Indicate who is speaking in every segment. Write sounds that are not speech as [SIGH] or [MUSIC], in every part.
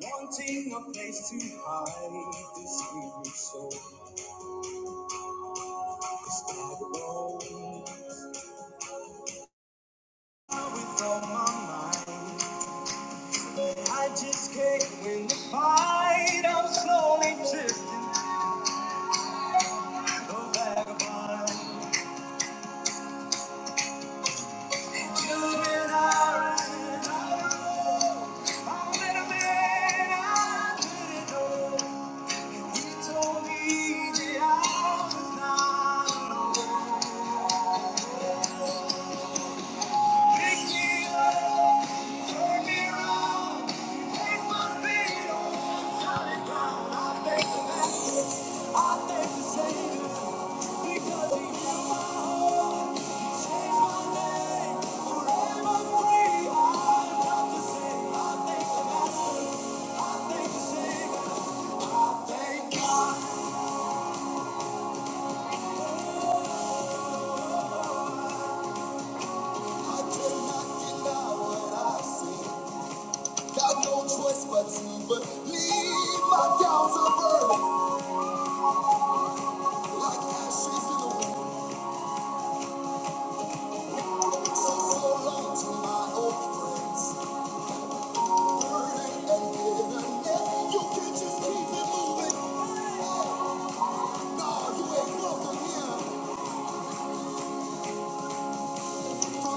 Speaker 1: Wanting a place to hide this weary soul, despite the walls. With all my mind, I just can't win the fight. I'm slowly drifting the vagabond. You and I, I met a little man I didn't know. He told me that I was not alone. Pick me up, turn me around, place my feet on. But to believe my doubts are burning like ashes in the wind. So, so long to my old friends, burden and bitterness. You can just keep it moving. No, you ain't welcome here. Thank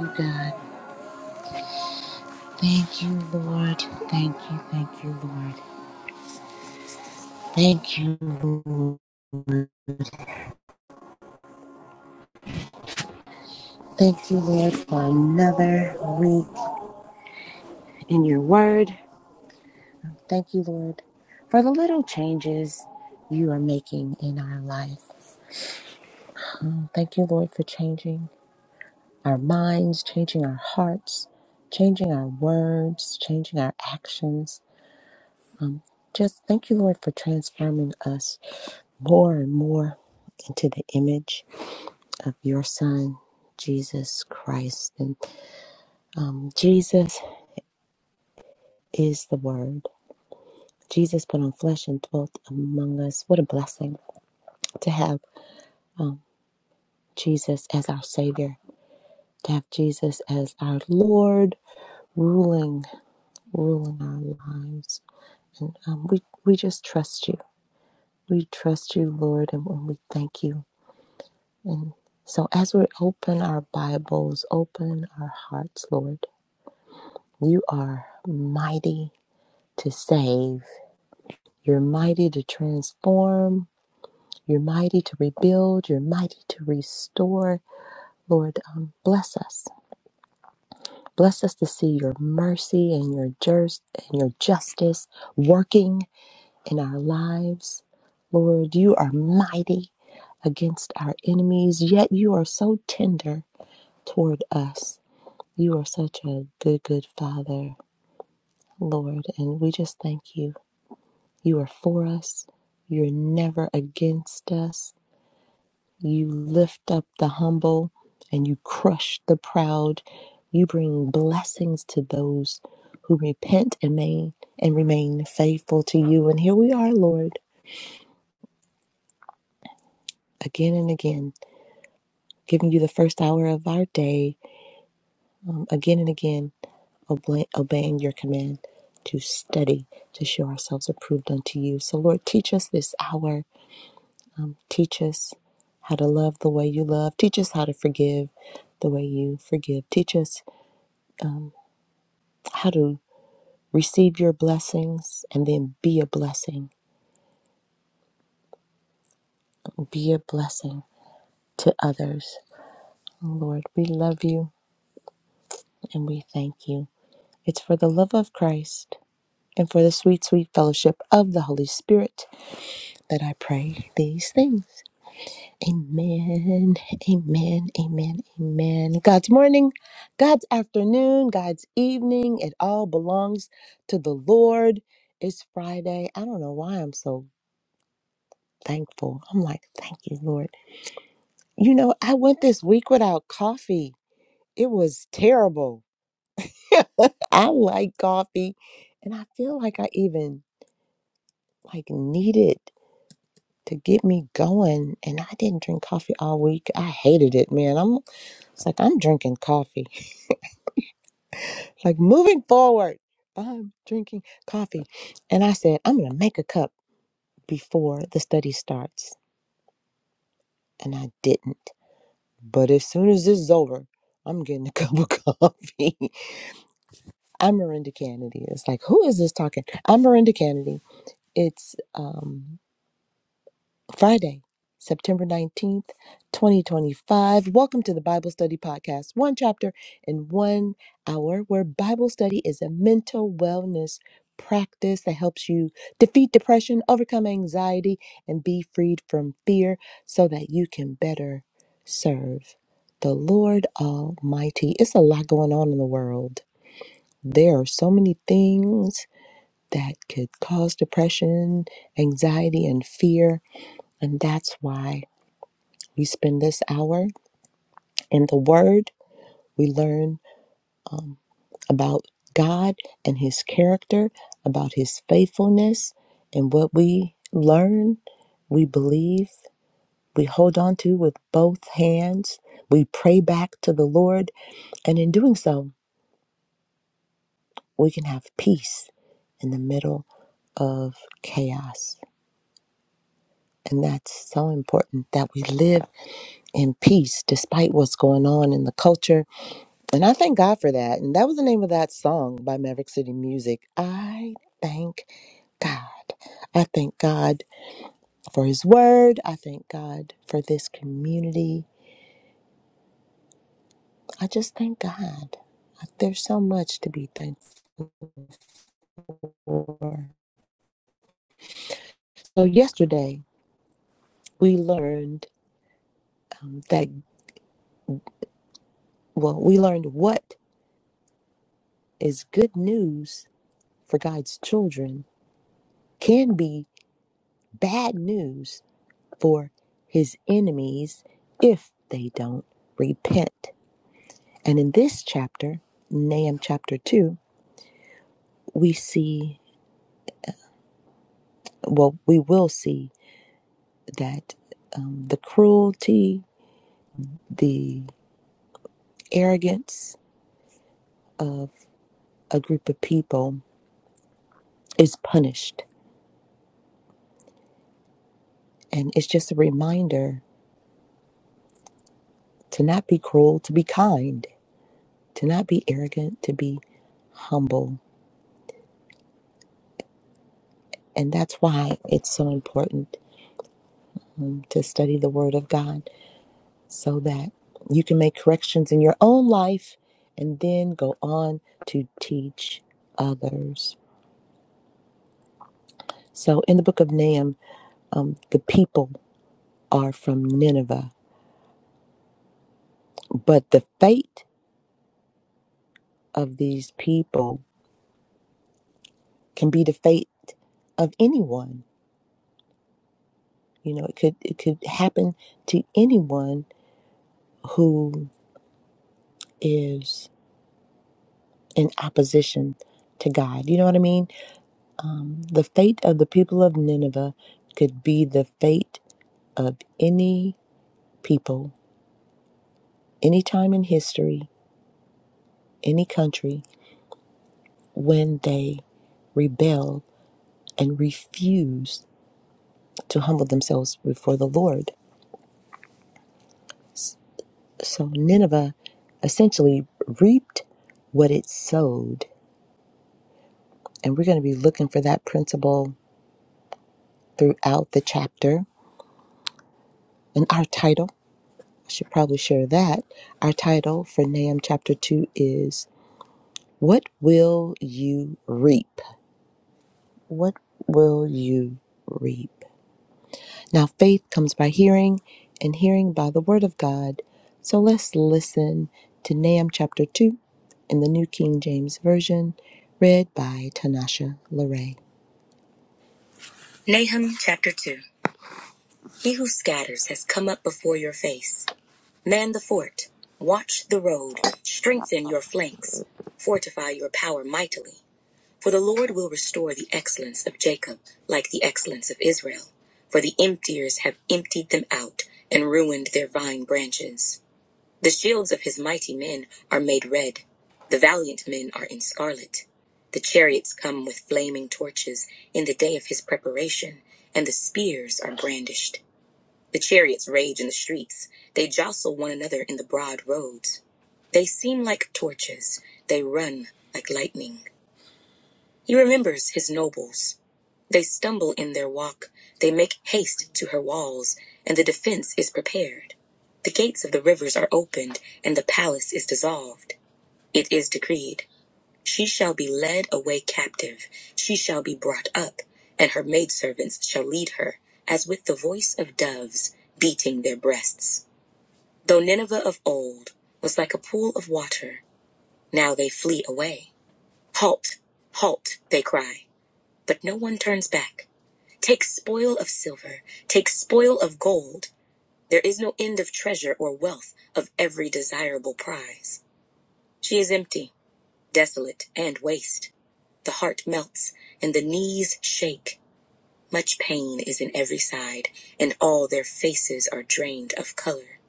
Speaker 1: you, God. Thank you, Lord. Thank you, thank you, Lord. Thank you, Lord. Thank you, Lord, for another week in your word. Thank you, Lord, for the little changes you are making in our life. Um, thank you, Lord, for changing. our minds, changing our hearts, changing our words, changing our actions. Um, just thank you, Lord, for transforming us more and more into the image of your Son, Jesus Christ. And um, Jesus is the Word. Jesus put on flesh and dwelt among us. What a blessing to have um, Jesus as our Savior, to have Jesus as our Lord, ruling, ruling our lives. And um, we, we just trust you. We trust you, Lord, and we thank you. And so as we open our Bibles, open our hearts, Lord, you are mighty to save. You're mighty to transform. You're mighty to rebuild. You're mighty to restore. Lord, um, bless us. Bless us to see your mercy and your just and your justice working in our lives. Lord, you are mighty against our enemies, yet you are so tender toward us. You are such a good, good Father, Lord, and we just thank you. You are for us, you're never against us. You lift up the humble and you crush the proud. You bring blessings to those who repent and may and remain faithful to you. And here we are, Lord, again and again, giving you the first hour of our day, um, again and again obe- obeying your command to study, to show ourselves approved unto you. So, Lord, teach us this hour. Um, teach us how to love the way you love. Teach us how to forgive the way you forgive. Teach us um, how to receive your blessings and then be a blessing. Be a blessing to others. Lord, we love you and we thank you. It's for the love of Christ and for the sweet, sweet fellowship of the Holy Spirit that I pray these things. Amen. Amen. Amen. Amen. God's morning, God's afternoon, God's evening, it all belongs to the Lord. It's Friday. I don't know why I'm so thankful. I'm like, thank you, Lord. You know, I went this week without coffee. It was terrible. [LAUGHS] I like coffee and I feel like I even like need it to get me going and I didn't drink coffee all week. I hated it, man. I'm it's like I'm drinking coffee. like moving forward i'm drinking coffee and i said i'm gonna make a cup before the study starts and i didn't but as soon as this is over i'm getting a [LAUGHS] cup of coffee i'm miranda kennedy it's like who is this talking i'm miranda kennedy it's um Friday, September 19th, 2025. Welcome to the Bible Study Podcast, one chapter in one hour, where Bible study is a mental wellness practice that helps you defeat depression, overcome anxiety, and be freed from fear so that you can better serve the Lord Almighty. It's a lot going on in the world. There are so many things that could cause depression, anxiety, and fear. And that's why we spend this hour in the Word. We learn um, about God and His character, about His faithfulness, and what we learn, we believe, we hold on to with both hands. We pray back to the Lord, and in doing so, we can have peace in the middle of chaos. And that's so important that we live in peace despite what's going on in the culture And I thank God for that. And that was the name of that song by Maverick City Music. I thank God. I thank God for His Word. I thank God for this community. I just thank God. There's so much to be thankful for. So, yesterday we learned um, that, well, we learned what is good news for God's children can be bad news for his enemies if they don't repent. And in this chapter, Nahum chapter 2, we see, well, we will see that um, the cruelty, the arrogance of a group of people is punished. And it's just a reminder to not be cruel, to be kind, to not be arrogant, to be humble. And that's why it's so important um, to study the Word of God so that you can make corrections in your own life and then go on to teach others. So, in the book of Nahum, um, the people are from Nineveh, but the fate of these people can be the fate of anyone. You know, it could it could happen to anyone who is in opposition to God. You know what I mean? Um, the fate of the people of Nineveh could be the fate of any people, any time in history, any country, when they rebelled and refused to humble themselves before the Lord. So Nineveh essentially reaped what it sowed. And we're going to be looking for that principle throughout the chapter. And our title, I should probably share that. Our title for Nahum chapter 2 is What Will You Reap? What Will You Reap? Now, faith comes by hearing, and hearing by the Word of God. So let's listen to Nahum chapter 2 in the New King James Version, read by Tanasha Larray. Nahum chapter 2 He who scatters has come up before your face. Man the fort, watch the road, strengthen your flanks, fortify your power mightily. For the Lord will restore the excellence of Jacob, like the excellence of Israel. For the emptiers have emptied them out and ruined their vine branches. The shields of his mighty men are made red. The valiant men are in scarlet. The chariots come with flaming torches in the day of his preparation, and the spears are brandished. The chariots rage in the streets. They jostle one another in the broad roads. They seem like torches. They run like lightning. He remembers his nobles. They stumble in their walk, they make haste to her walls, and the defense is prepared. The gates of the rivers are opened, and the palace is dissolved. It is decreed She shall be led away captive, she shall be brought up, and her maidservants shall lead her, as with the voice of doves beating their breasts. Though Nineveh of old was like a pool of water, now they flee away. Halt, halt, they cry. But no one turns back. Take spoil of silver, take spoil of gold. There is no end of treasure or wealth of every desirable prize. She is empty, desolate, and waste. The heart melts, and the knees shake. Much pain is in every side, and all their faces are drained of color.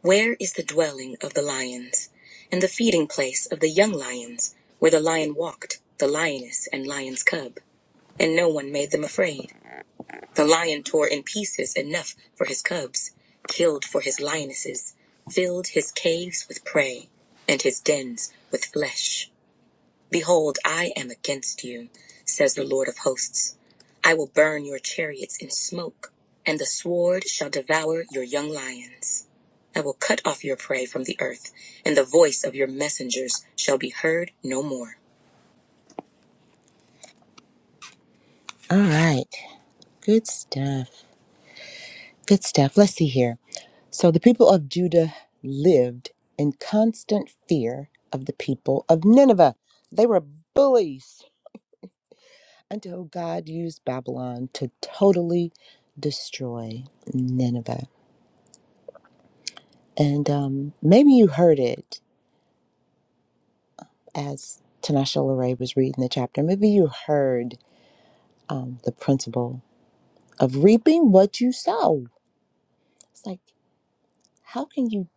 Speaker 1: Where is the dwelling of the lions, and the feeding place of the young lions, where the lion walked, the lioness and lion's cub? And no one made them afraid. The lion tore in pieces enough for his cubs, killed for his lionesses, filled his caves with prey, and his dens with flesh. Behold, I am against you, says the Lord of hosts. I will burn your chariots in smoke, and the sword shall devour your young lions. I will cut off your prey from the earth, and the voice of your messengers shall be heard no more. All right. Good stuff. Good stuff. Let's see here. So the people of Judah lived in constant fear of the people of Nineveh. They were bullies until God used Babylon to totally destroy Nineveh. And um, maybe you heard it as Tanasha Leray was reading the chapter. Maybe you heard um, the principle of reaping what you sow. It's like, how can you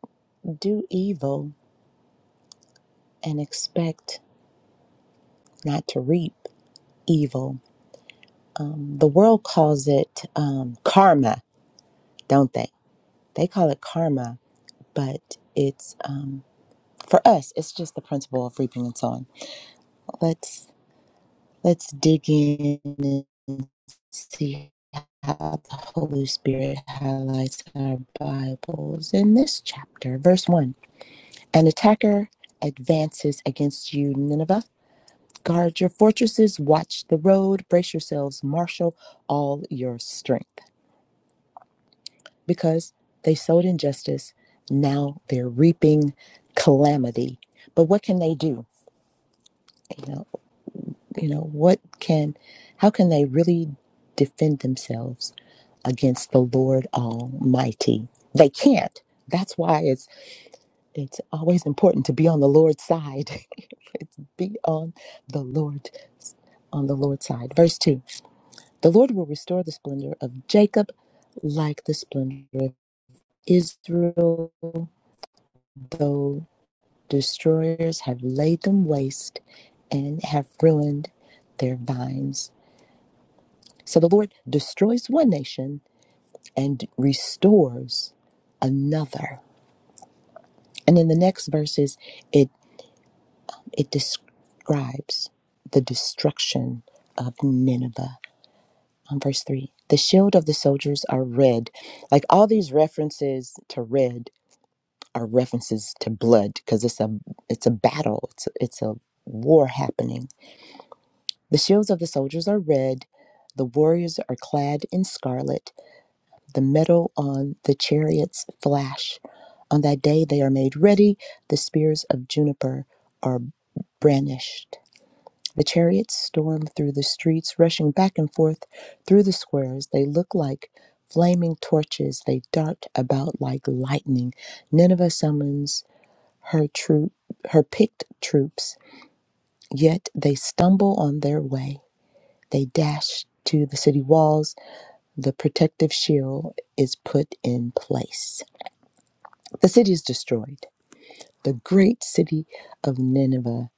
Speaker 1: do evil and expect not to reap evil? um, the world calls it um, karma, don't they? They call it karma, but it's um, for us. It's just the principle of reaping and sowing. Let's let's dig in and see how the Holy Spirit highlights our Bibles in this chapter, verse one. An attacker advances against you, Nineveh. Guard your fortresses, watch the road, brace yourselves, marshal all your strength. because they sowed injustice. Now they're reaping calamity. But what can they do? You know, you know, what can, how can they really defend themselves against the Lord Almighty? They can't. That's why it's it's always important to be on the Lord's side. [LAUGHS] be on the Lord on the Lord's side. Verse two: The Lord will restore the splendor of Jacob, like the splendor of Israel, though. destroyers have laid them waste and have ruined their vines. So the Lord destroys one nation and restores another. And in the next verses, it, it describes the destruction of Nineveh. On verse 3, the shield of the soldiers are red. Like all these references to red are references to blood because it's a it's a battle. It's a, it's a war happening The shields of the soldiers are red, the warriors are clad in scarlet, the metal on the chariots flash. On that day they are made ready, the spears of juniper are brandished. The chariots storm through the streets, rushing back and forth through the squares. They look like flaming torches, they dart about like lightning. Nineveh summons her troop, her picked troops, yet they stumble on their way. They dash to the city walls. The protective shield is put in place. The city is destroyed. The great city of Nineveh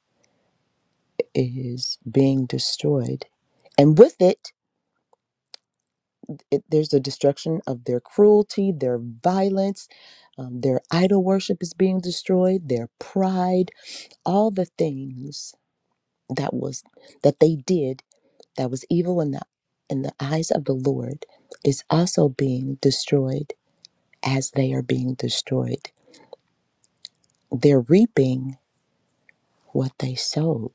Speaker 1: is being destroyed. And with it, it there's the destruction of their cruelty, their violence, um, their idol worship is being destroyed, their pride, all the things that was that they did that was evil in the in the eyes of the Lord is also being destroyed as they are being destroyed. They're reaping what they sowed.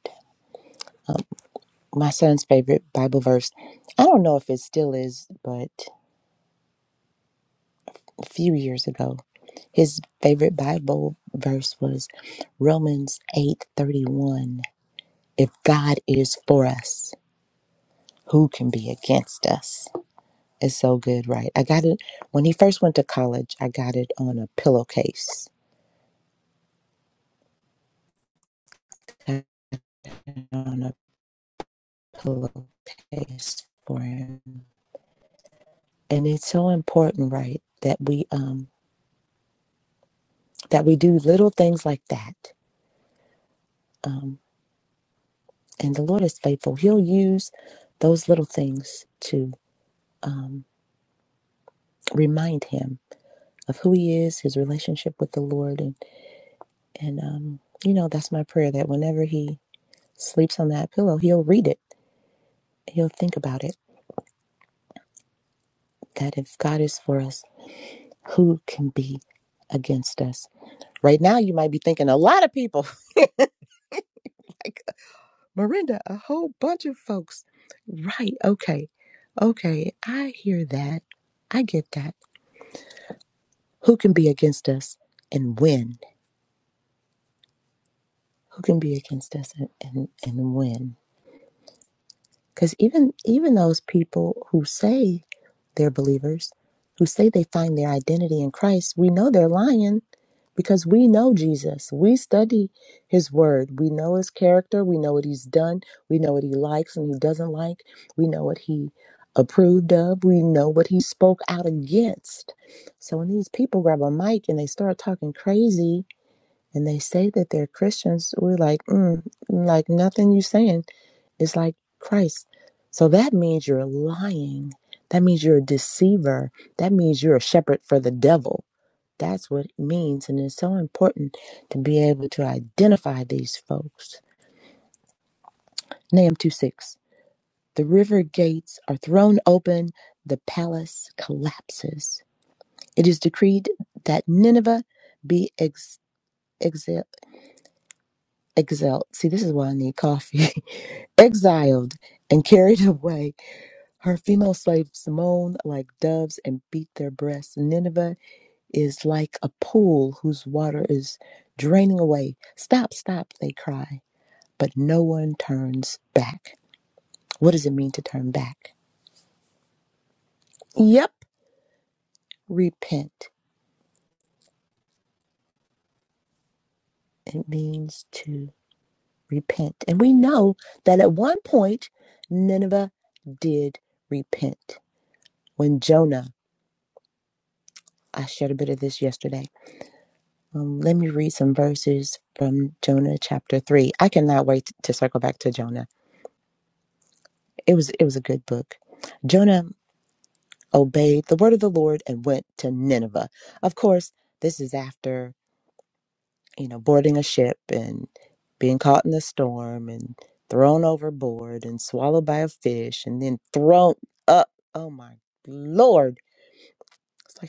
Speaker 1: My son's favorite Bible verse, I don't know if it still is, but a few years ago, his favorite Bible verse was Romans 8:31. If God is for us, who can be against us? It's so good, right? I got it when he first went to college, I got it on a pillowcase. I had it On a pillowcase for him and it's so important right that we um that we do little things like that um and the lord is faithful he'll use those little things to um remind him of who he is his relationship with the lord and and um you know that's my prayer that whenever he sleeps on that pillow he'll read it he'll think about it that if god is for us who can be against us right now you might be thinking a lot of people [LAUGHS] Miranda, a whole bunch of folks. Right. Okay. Okay. I hear that. I get that. Who can be against us and when? Who can be against us and, and, and when? Because even even those people who say they're believers, who say they find their identity in Christ, we know they're lying because we know Jesus. We study his word. We know his character. We know what he's done. We know what he likes and he doesn't like. We know what he approved of. We know what he spoke out against. So when these people grab a mic and they start talking crazy and they say that they're Christians, we're like, mm, like nothing you saying is like Christ. So that means you're lying. That means you're a deceiver. That means you're a shepherd for the devil. That's what it means. And it's so important to be able to identify these folks. Nahum 2 6. The river gates are thrown open, the palace collapses. It is decreed that Nineveh be ex- exiled. Exiled. See, this is why I need coffee. [LAUGHS] Exiled and carried [LAUGHS] away. Her female slaves moan like doves and beat their breasts. Nineveh is like a pool whose water is draining away. Stop, stop, they cry. But no one turns back. What does it mean to turn back? Yep, repent. It means to repent. And we know that at one point, Nineveh did repent. When Jonah, I shared a bit of this yesterday Um, let me read some verses from Jonah chapter three. I cannot wait to circle back to Jonah. It was it was a good book. Jonah obeyed the word of the Lord and went to Nineveh. Of course, this is after you know boarding a ship and being caught in the storm and thrown overboard and swallowed by a fish and then thrown up. Oh my lord! It's like.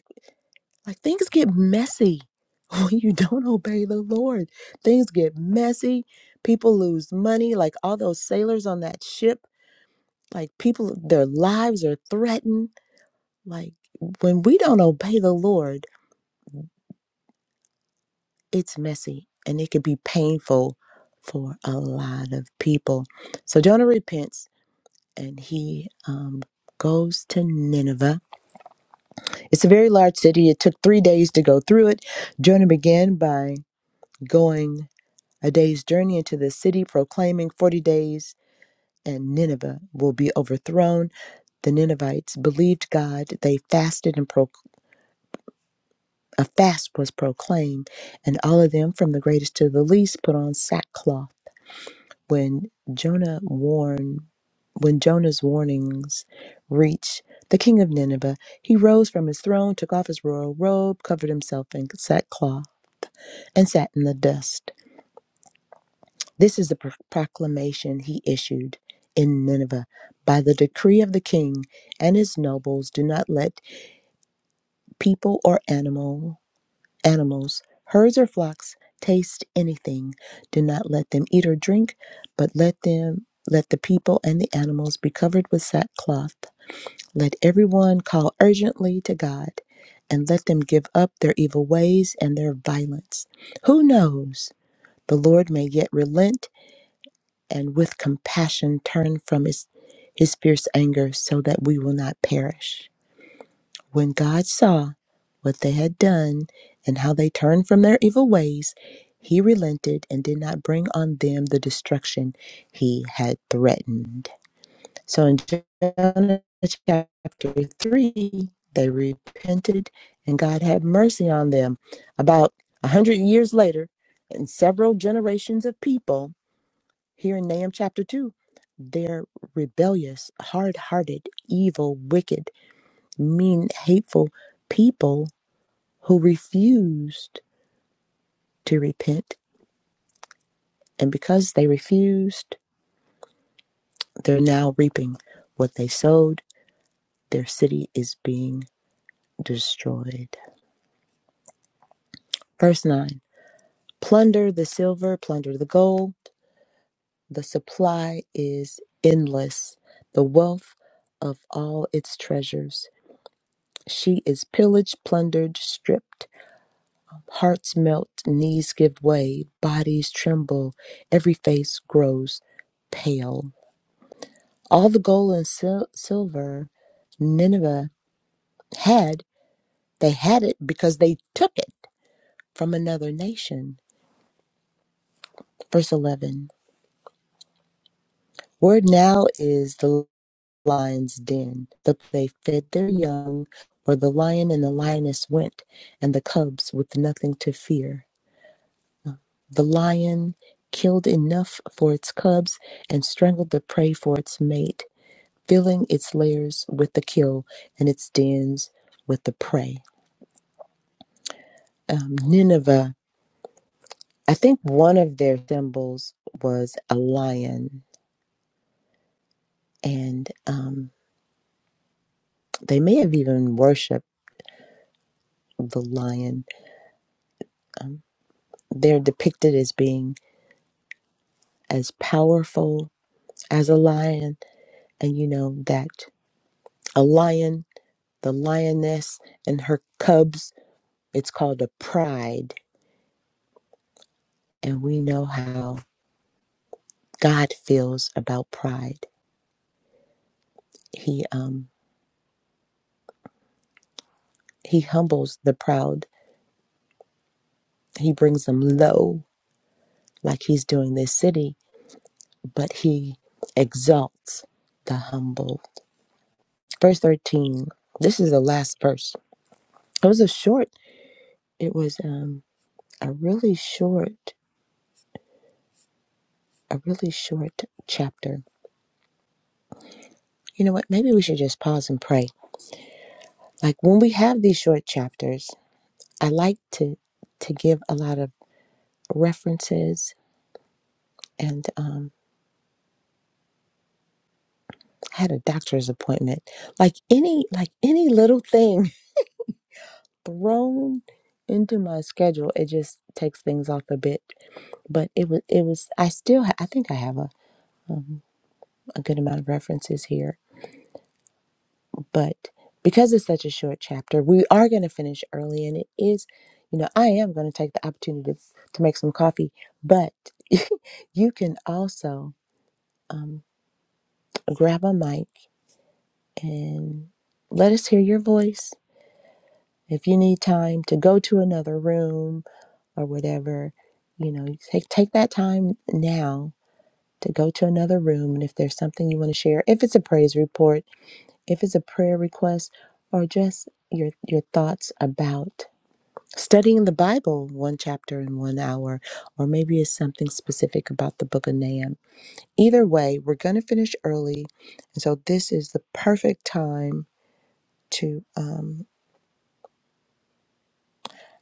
Speaker 1: Like things get messy [LAUGHS] when you don't obey the Lord. Things get messy. People lose money, like all those sailors on that ship. Like people, their lives are threatened. Like when we don't obey the Lord, it's messy and it can be painful for a lot of people. So Jonah repents and he um, goes to Nineveh. It's a very large city. It took three days to go through it. Jonah began by going. a day's journey into the city, proclaiming 40 days, and Nineveh will be overthrown. The Ninevites believed God. They fasted, and pro- a fast was proclaimed, and all of them, from the greatest to the least, put on sackcloth. When Jonah warned, when Jonah's warnings reached the king of Nineveh, he rose from his throne, took off his royal robe, covered himself in sackcloth, and sat in the dust. This is the pro- proclamation he issued in Nineveh. By the decree of the king and his nobles, do not let people or animal animals, herds or flocks taste anything. Do not let them eat or drink, but let them let the people and the animals be covered with sackcloth. Let everyone call urgently to God, and let them give up their evil ways and their violence. Who knows? The Lord may yet relent and with compassion turn from his, his fierce anger so that we will not perish. When God saw what they had done and how they turned from their evil ways, he relented and did not bring on them the destruction he had threatened. So in Jonah chapter 3, they repented and God had mercy on them. About a hundred years later, and several generations of people here in Nahum chapter 2, they're rebellious, hard hearted, evil, wicked, mean, hateful people who refused to repent. And because they refused, they're now reaping what they sowed. Their city is being destroyed. Verse 9 Plunder the silver, plunder the gold. The supply is endless, the wealth of all its treasures. She is pillaged, plundered, stripped Hearts melt, knees give way, bodies tremble, every face grows pale. All the gold and sil- silver Nineveh had, they had it because they took it from another nation. Verse 11 Where now is the lion's den, the they fed their young, where the lion and the lioness went, and the cubs with nothing to fear. The lion killed enough for its cubs and strangled the prey for its mate, filling its lairs with the kill and its dens with the prey. Um, Nineveh, I think one of their symbols was a lion, and um, they may have even worshipped the lion. Um, they're depicted as being as powerful as a lion, and you know that a lion, the lioness, and her cubs It's called a pride, and we know how God feels about pride. He um he humbles the proud. He brings them low, like he's doing this city, but he exalts the humble. Verse thirteen. This is the last verse. It was a short. It was um a really short, a really short chapter. You know what? Maybe we should just pause and pray. Like when we have these short chapters, I like to to give a lot of references and um, had a doctor's appointment. Like any like any little thing [LAUGHS] thrown into my schedule, it just takes things off a bit. But it was it was I still ha- I think I have a, a good amount of references here, but because it's such a short chapter, we are going to finish early, and it is you know I am going to take the opportunity to, to make some coffee, but [LAUGHS] you can also um, grab a mic and let us hear your voice If you need time to go to another room or whatever, you know, take take that time now to go to another room. And if there's something you want to share, if it's a praise report, if it's a prayer request, or just your your thoughts about studying the Bible one chapter in one hour, or maybe it's something specific about the book of Nahum. Either way, we're going to finish early. And so this is the perfect time to um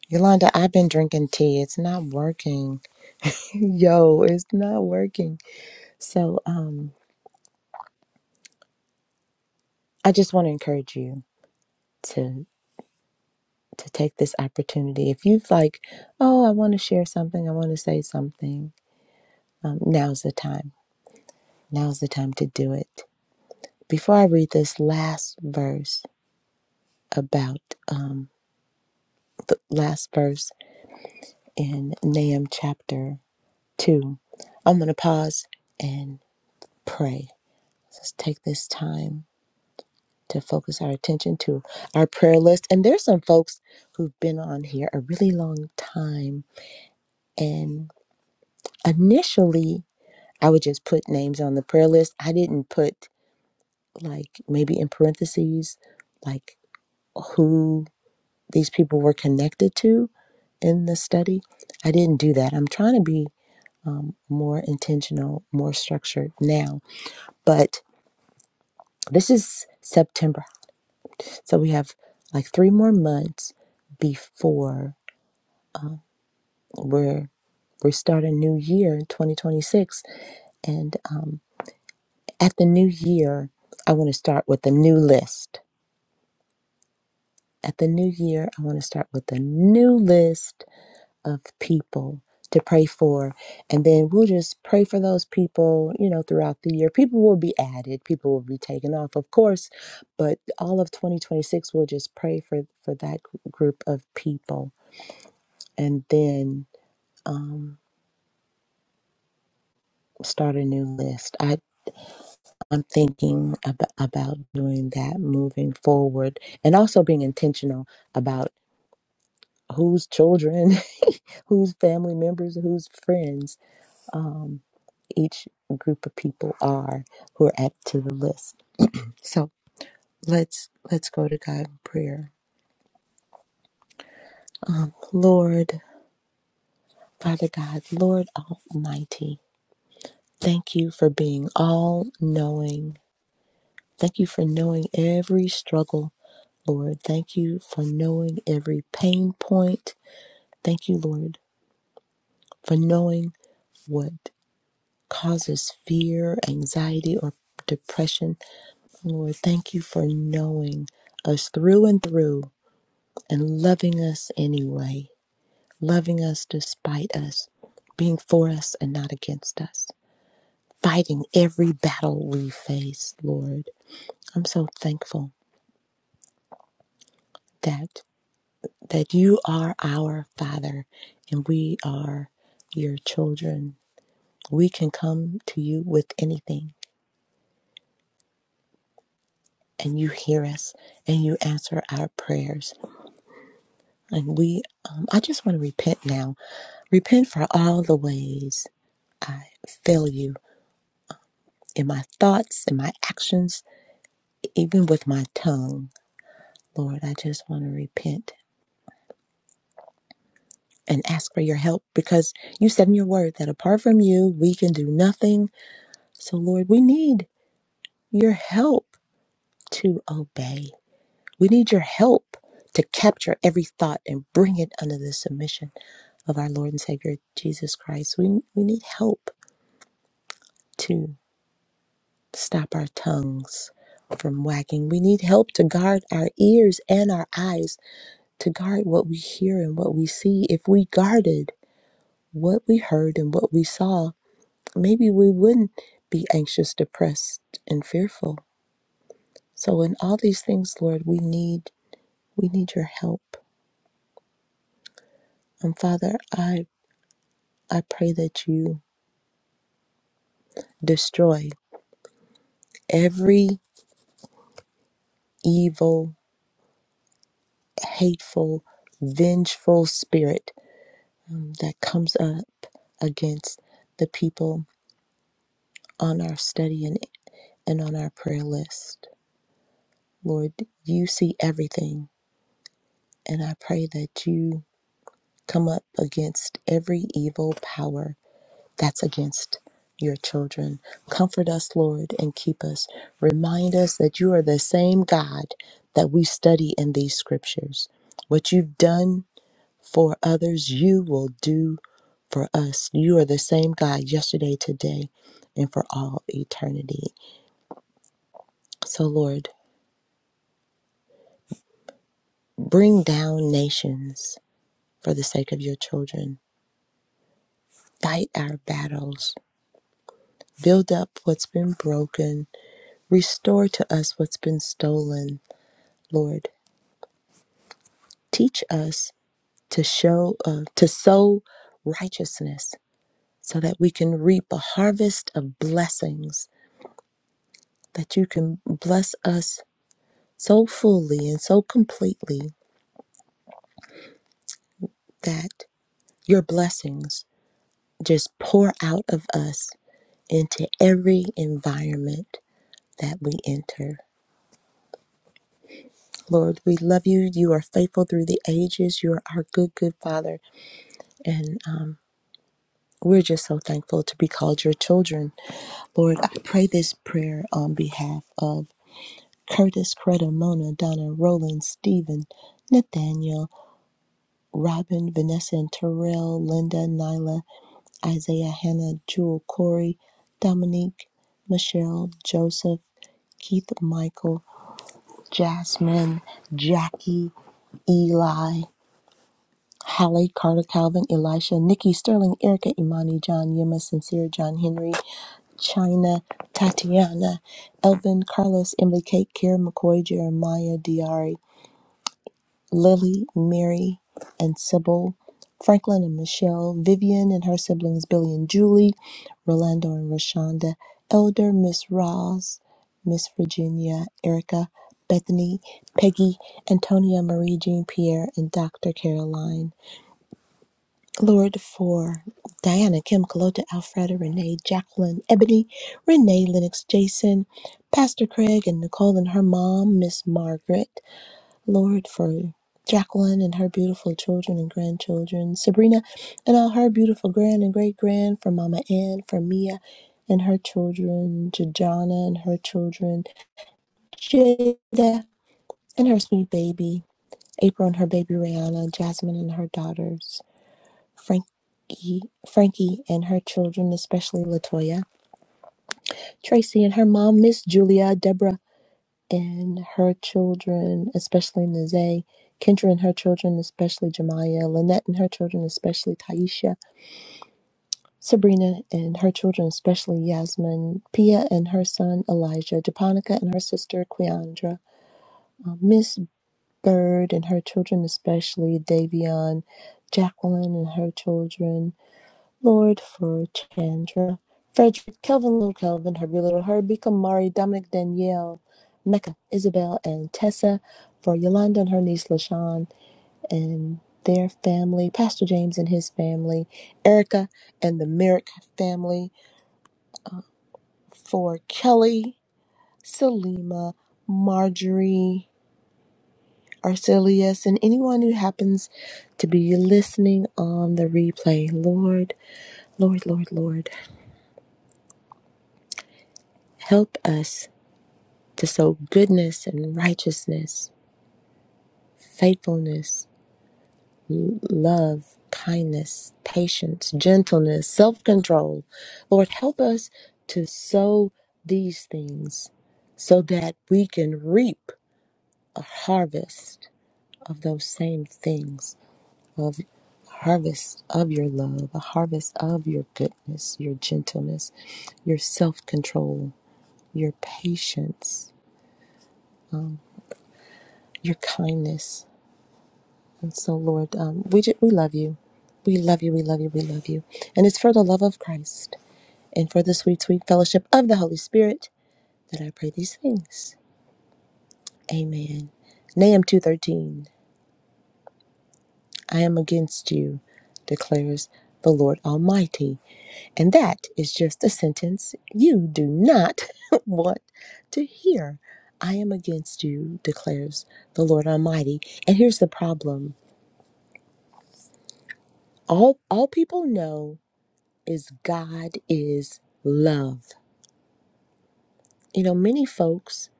Speaker 1: Yolanda, I've been drinking tea. It's not working. Yo, it's not working. So, um, I just want to encourage you to to take this opportunity. If you've like, oh, I want to share something, I want to say something. Um, now's the time. Now's the time to do it. Before I read this last verse about um, the last verse in Nahum chapter two, I'm gonna pause and pray. Just take this time to focus our attention to our prayer list. And there's some folks who've been on here a really long time. And initially, I would just put names on the prayer list. I didn't put, like, maybe in parentheses, like who these people were connected to in the study. I didn't do that. I'm trying to be more intentional, more structured now. But this is September. So we have like three more months before We're we're starting a new year in 2026, and um, at the new year, I want to start with a new list. At the new year, I want to start with a new list of people to pray for, and then we'll just pray for those people. You know, throughout the year, people will be added, people will be taken off, of course, but all of 2026, we'll just pray for for that group of people, and then. Um, start a new list. I. I'm thinking ab- about doing that moving forward and also being intentional about whose children, [LAUGHS] whose family members, whose friends um, each group of people are who are added to the list. So let's let's go to God in prayer. Um, Lord, Father God, Lord Almighty, thank you for being all knowing. Thank you for knowing every struggle, Lord. Thank you for knowing every pain point Thank you, Lord, for knowing what causes fear, anxiety, or depression. Lord, thank you for knowing us through and through and loving us anyway, loving us despite us, being for us and not against us, fighting every battle we face, Lord. I'm so thankful that that you are our Father and we are your children. We can come to you with anything and you hear us and you answer our prayers. And we, um, I just want to repent now. Repent for all the ways I fail you in my thoughts, in my actions, even with my tongue. Lord, I just want to repent and ask for your help because you said in your word that apart from you, we can do nothing. So, Lord, we need your help to obey. We need your help to capture every thought and bring it under the submission of our Lord and Savior Jesus Christ. We, we need help to stop our tongues from wagging. We need help to guard our ears and our eyes, to guard what we hear and what we see. If we guarded what we heard and what we saw, maybe we wouldn't be anxious, depressed, and fearful. So in all these things, Lord, we need we need your help. And Father, I I pray that you destroy every evil, hateful, vengeful spirit that comes up against the people on our study and, and on our prayer list. Lord, you see everything, and I pray that you come up against every evil power that's against your children. Comfort us, Lord, and keep us. Remind us that you are the same God that we study in these scriptures. What you've done for others, you will do for us. You are the same God yesterday, today, and for all eternity. So, Lord, bring down nations for the sake of your children. Fight our battles. Build up what's been broken. Restore to us what's been stolen. Lord, Teach us to show, uh, to sow righteousness so that we can reap a harvest of blessings, that you can bless us so fully and so completely that your blessings just pour out of us into every environment that we enter. Lord, we love you. You are faithful through the ages. You are our good, good Father. And um, we're just so thankful to be called your children. Lord, I pray this prayer on behalf of Curtis, Coretta, Mona, Donna, Roland, Stephen, Nathaniel, Robin, Vanessa, and Terrell, Linda, Nyla, Isaiah, Hannah, Jewel, Corey, Dominique, Michelle, Joseph, Keith, Michael, Jasmine, Jackie, Eli, Hallie, Carter, Calvin, Elisha, Nikki, Sterling, Erica, Imani, John, Yema, Sincere, John Henry, China, Tatiana, Elvin, Carlos, Emily, Kate, Karen, McCoy, Jeremiah, Diari, Lily, Mary, and Sybil, Franklin and Michelle, Vivian and her siblings Billy and Julie, Rolando and Rashonda, Elder, Miss Roz, Miss Virginia, Erica, Bethany, Peggy, Antonia, Marie Jean Pierre, and Dr. Caroline. Lord, for Diana, Kim, Kalota, Alfreda, Renee, Jacqueline, Ebony, Renee, Lennox, Jason, Pastor Craig, and Nicole and her mom, Miss Margaret. Lord, for Jacqueline and her beautiful children and grandchildren, Sabrina and all her beautiful grand and great grand, for Mama Ann, for Mia and her children, Jajana and her children, Jada and her sweet baby, April and her baby Rihanna, Jasmine and her daughters. Frankie, Frankie and her children, especially Latoya, Tracy and her mom, Miss Julia, Deborah and her children, especially Nazay, Kendra and her children, especially Jemiah, Lynette and her children, especially Taisha, Sabrina and her children, especially Yasmin, Pia and her son Elijah, Japonica and her sister Keandra, uh, Miss Bird and her children, especially Davion, Jacqueline and her children, Lord for Chandra, Frederick, Kelvin, Little Kelvin, Herbie, Little Herbie, Kamari, Dominic, Danielle, Mecca, Isabel, and Tessa for Yolanda and her niece LaShawn and their family, Pastor James and his family, Erica and the Merrick family for Kelly, Selima, Marjorie, Arcelius, and anyone who happens to be listening on the replay. Lord, Lord, Lord, Lord, help us to sow goodness and righteousness, faithfulness, love, kindness, patience, gentleness, self control. Lord, help us to sow these things so that we can reap a harvest of those same things. Of harvest of your love, a harvest of your goodness, your gentleness, your self control, your patience, your kindness, And so, Lord, um, we, ju- we love you. We love you. We love you. We love you. And it's for the love of Christ and for the sweet, sweet fellowship of the Holy Spirit that I pray these things. Amen. Nahum 2.13, I am against you, declares the Lord Almighty. And that is just a sentence you do not [LAUGHS] want to hear. I am against you, declares the Lord Almighty. And here's the problem all, all people know is God is love. You know, many folks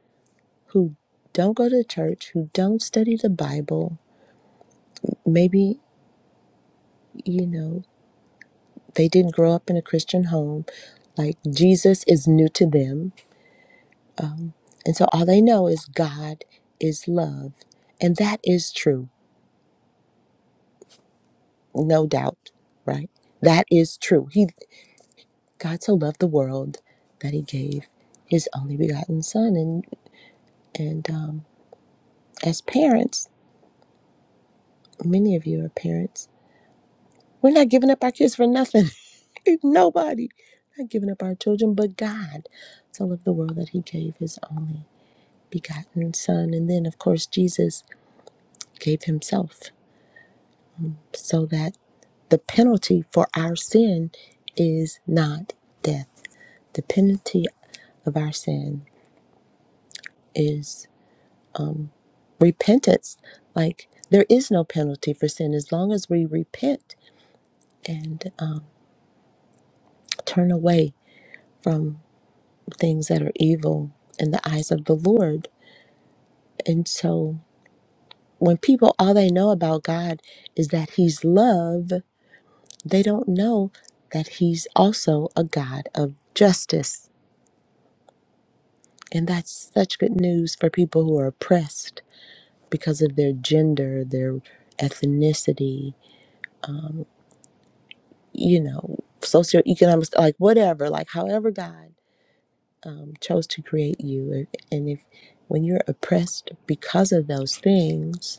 Speaker 1: who don't go to church, who don't study the Bible, maybe, you know, they didn't grow up in a Christian home, like Jesus is new to them. And so all they know is God is love. And that is true, no doubt, right? That is true. He God so loved the world that he gave his only begotten son and and um as parents, many of you are parents We're not giving up our kids for nothing. [LAUGHS] Nobody. Not giving up our children, but God. So love the world that He gave His only begotten Son. And then, of course, Jesus gave Himself so that the penalty for our sin is not death. The penalty of our sin is repentance. Like there is no penalty for sin as long as we repent and um, turn away from. things that are evil in the eyes of the Lord. And so when people all they know about God is that he's love, they don't know that he's also a God of justice. And that's such good news for people who are oppressed because of their gender, their ethnicity, you know, socioeconomic, like whatever, like however God um, chose to create you. And if when you're oppressed because of those things,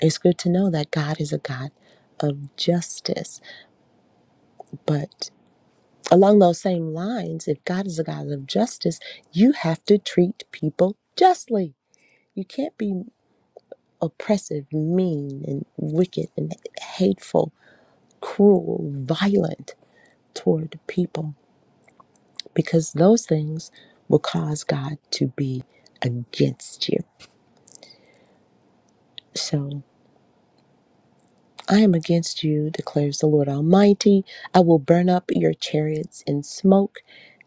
Speaker 1: It's good to know that God is a God of justice. But along those same lines, if God is a God of justice, you have to treat people justly. You can't be oppressive, mean, and wicked, and hateful, cruel, violent toward people, because those things will cause God to be against you. So, I am against you, declares the Lord Almighty. I will burn up your chariots in smoke,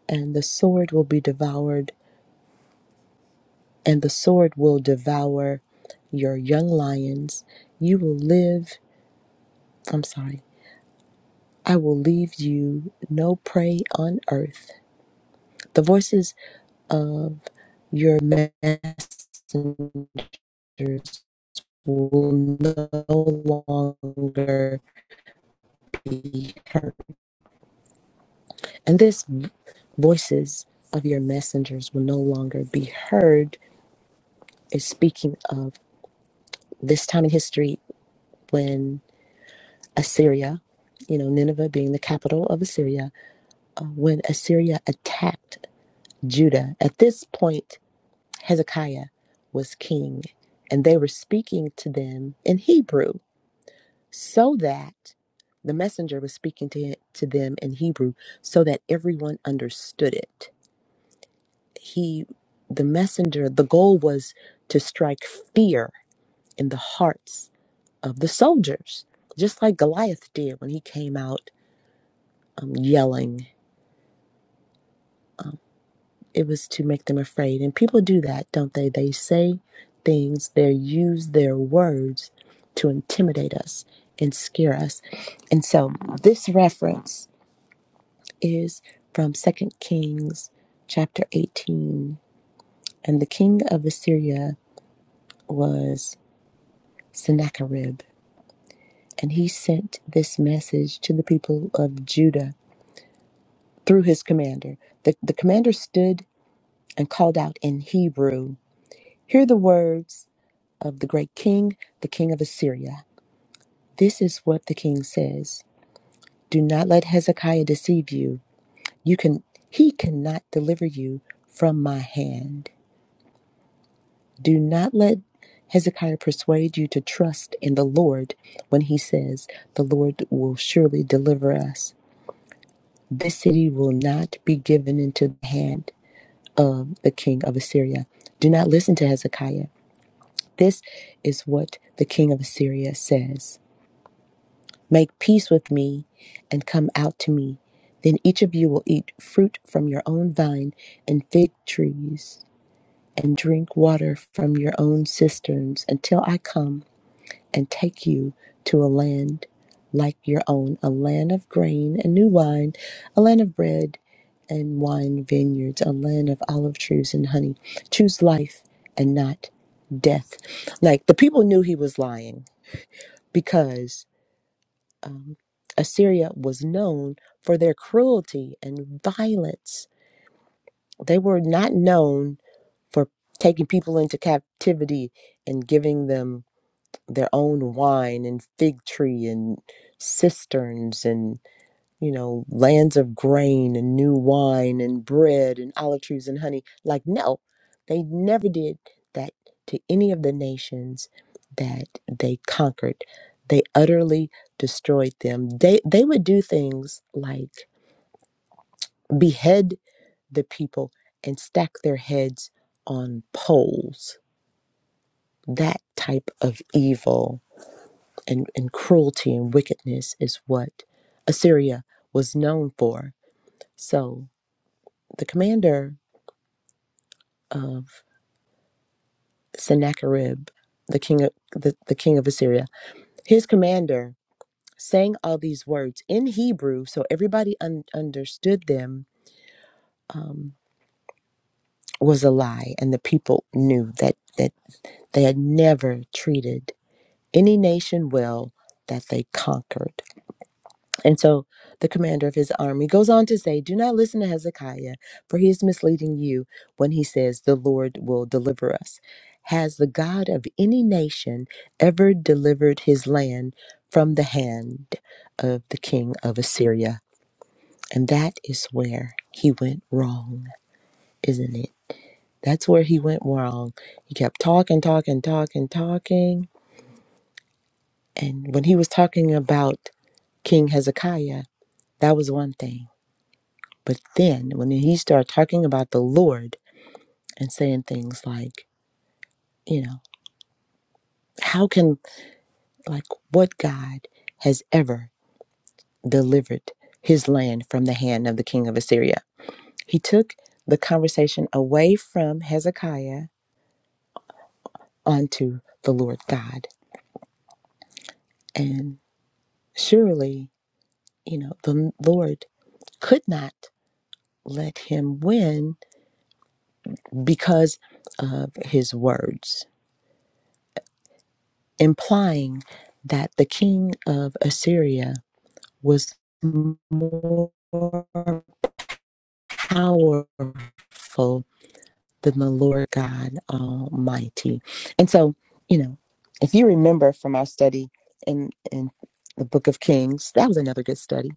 Speaker 1: and the sword will be devoured, and the sword will devour your young lions. You will live, I'm sorry, I will leave you no prey on earth. The voices of your messengers will no longer be heard. And this v- voices of your messengers will no longer be heard is speaking of this time in history when Assyria, you know, Nineveh being the capital of Assyria, uh, when Assyria attacked Judah. At this point, Hezekiah was king, and they were speaking to them in Hebrew so that the messenger was speaking to, to them in Hebrew so that everyone understood it he the messenger the goal was to strike fear in the hearts of the soldiers just like goliath did when he came out um, yelling it was to make them afraid and people do that don't they they say things they use their words to intimidate us and scare us and so this reference is from second kings chapter 18 and the king of assyria was sennacherib And he sent this message to the people of Judah through his commander. The, the commander stood and called out in Hebrew Hear the words of the great king, the king of Assyria. This is what the king says Do not let Hezekiah deceive you. You can he cannot deliver you from my hand. Do not let Hezekiah persuade you to trust in the Lord when he says, The Lord will surely deliver us. This city will not be given into the hand of the king of Assyria. Do not listen to Hezekiah. This is what the king of Assyria says Make peace with me and come out to me. Then each of you will eat fruit from your own vine and fig trees and drink water from your own cisterns until I come and take you to a land like your own, a land of grain and new wine, a land of bread and wine vineyards, a land of olive trees and honey. Choose life and not death. Like the people knew he was lying because Assyria was known for their cruelty and violence. They were not known for taking people into captivity and giving them their own wine and fig tree and cisterns and you know lands of grain and new wine and bread and olive trees and honey like no they never did that to any of the nations that they conquered they utterly destroyed them they they would do things like behead the people and stack their heads on poles that type of evil and, and cruelty and wickedness is what Assyria was known for. So the commander of Sennacherib, the king of the, the king of Assyria, his commander saying all these words in Hebrew, so everybody un- understood them, um, was a lie, and the people knew that that they had never treated any nation well that they conquered. And so the commander of his army goes on to say, Do not listen to Hezekiah, for he is misleading you when he says, The Lord will deliver us. Has the God of any nation ever delivered his land from the hand of the king of Assyria? And that is where he went wrong, isn't it? That's where he went wrong. He kept talking, talking, talking, talking. And when he was talking about King Hezekiah, that was one thing. But then when he started talking about the Lord and saying things like, you know, how can, like, what God has ever delivered his land from the hand of the king of Assyria? He took the conversation away from Hezekiah onto the Lord God. And surely, you know, the Lord could not let him win because of his words, implying that the king of Assyria was more powerful than the Lord God Almighty. And so, you know, if you remember from our study in in the Book of Kings, that was another good study.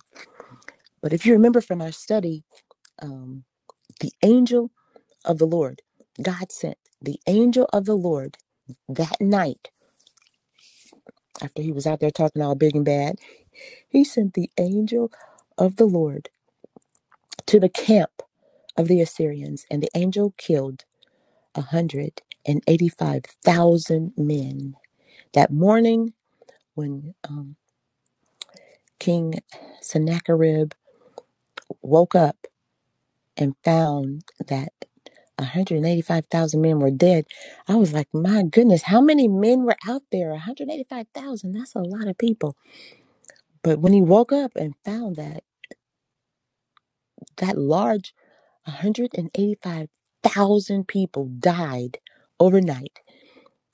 Speaker 1: But if you remember from our study, um, the angel of the Lord, God sent the angel of the Lord that night after he was out there talking all big and bad. He sent the angel of the Lord to the camp of the Assyrians, and the angel killed a hundred and eighty-five thousand men. That morning, when um, King Sennacherib woke up and found that one hundred and eighty-five thousand men were dead, I was like, "My goodness, how many men were out there? One hundred eighty-five thousand—that's a lot of people." But when he woke up and found that that large one hundred and eighty-five thousand people died overnight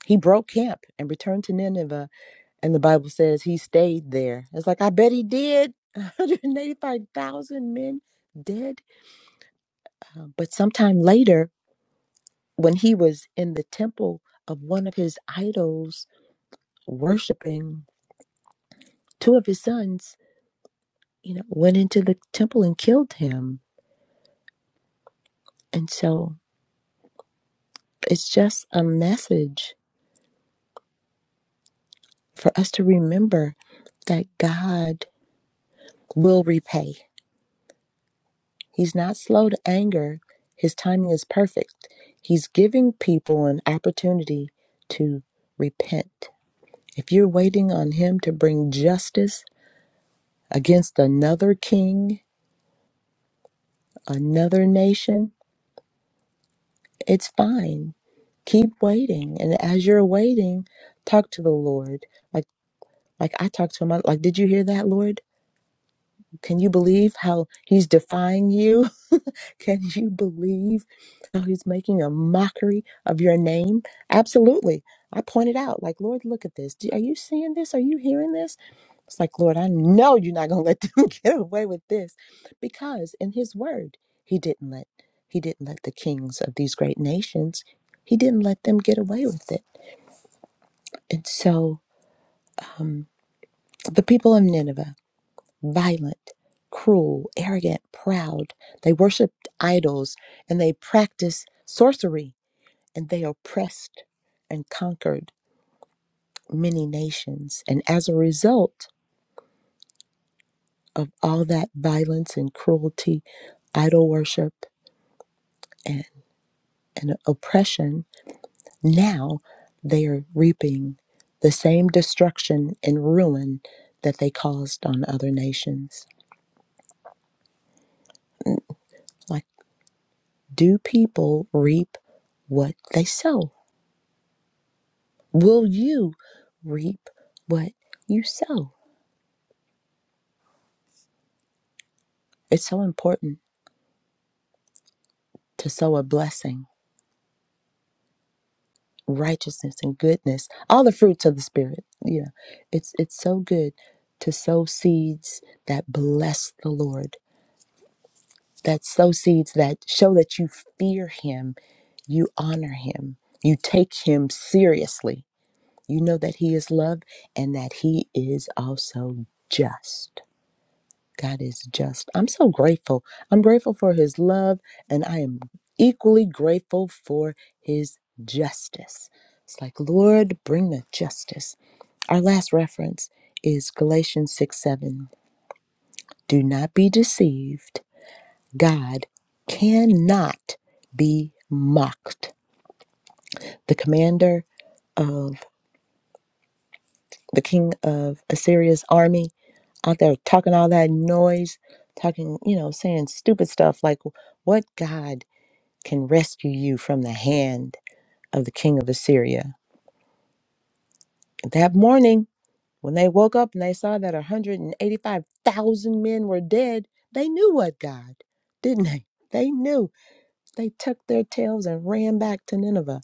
Speaker 1: He broke camp and returned to Nineveh, and the Bible says he stayed there. It's like, I bet he did. [LAUGHS] 185,000 men dead. Uh, but sometime later, when he was in the temple of one of his idols, worshiping two of his sons, you know, went into the temple and killed him. And so it's just a message for us to remember that God will repay. He's not slow to anger. His timing is perfect. He's giving people an opportunity to repent. If you're waiting on him to bring justice against another king, another nation, it's fine. Keep waiting. And as you're waiting, talk to the Lord. Like like I talked to him, like, did you hear that, Lord? Can you believe how he's defying you? Can you believe how he's making a mockery of your name? Absolutely. I pointed out, like, Lord, look at this. Do- Are you seeing this? Are you hearing this? It's like, Lord, I know you're not going to let them [LAUGHS] get away with this because in his word, he didn't let he didn't let the kings of these great nations, he didn't let them get away with it. And so the people of Nineveh, violent, cruel, arrogant, proud, they worshiped idols and they practiced sorcery and they oppressed and conquered many nations. And as a result of all that violence and cruelty, idol worship, and, and oppression, now they are reaping the same destruction and ruin that they caused on other nations. Mm, Like, do people reap what they sow? Will you reap what you sow? It's so important to sow a blessing righteousness and goodness, all the fruits of the spirit. You know, it's it's so good to sow seeds that bless the Lord, that sow seeds that show that you fear him, you honor him, you take him seriously. You know that he is love and that he is also just. God is just. I'm so grateful. I'm grateful for his love, and I am equally grateful for his justice. It's like, Lord, bring the justice. Our last reference is Galatians 6 7. Do not be deceived. God cannot be mocked. The commander of the king of Assyria's army out there talking all that noise, talking, you know, saying stupid stuff like, What God? can rescue you from the hand of the king of Assyria. That morning, when they woke up and they saw that 185,000 men were dead, they knew what God, didn't they? They knew. They tucked their tails and ran back to Nineveh.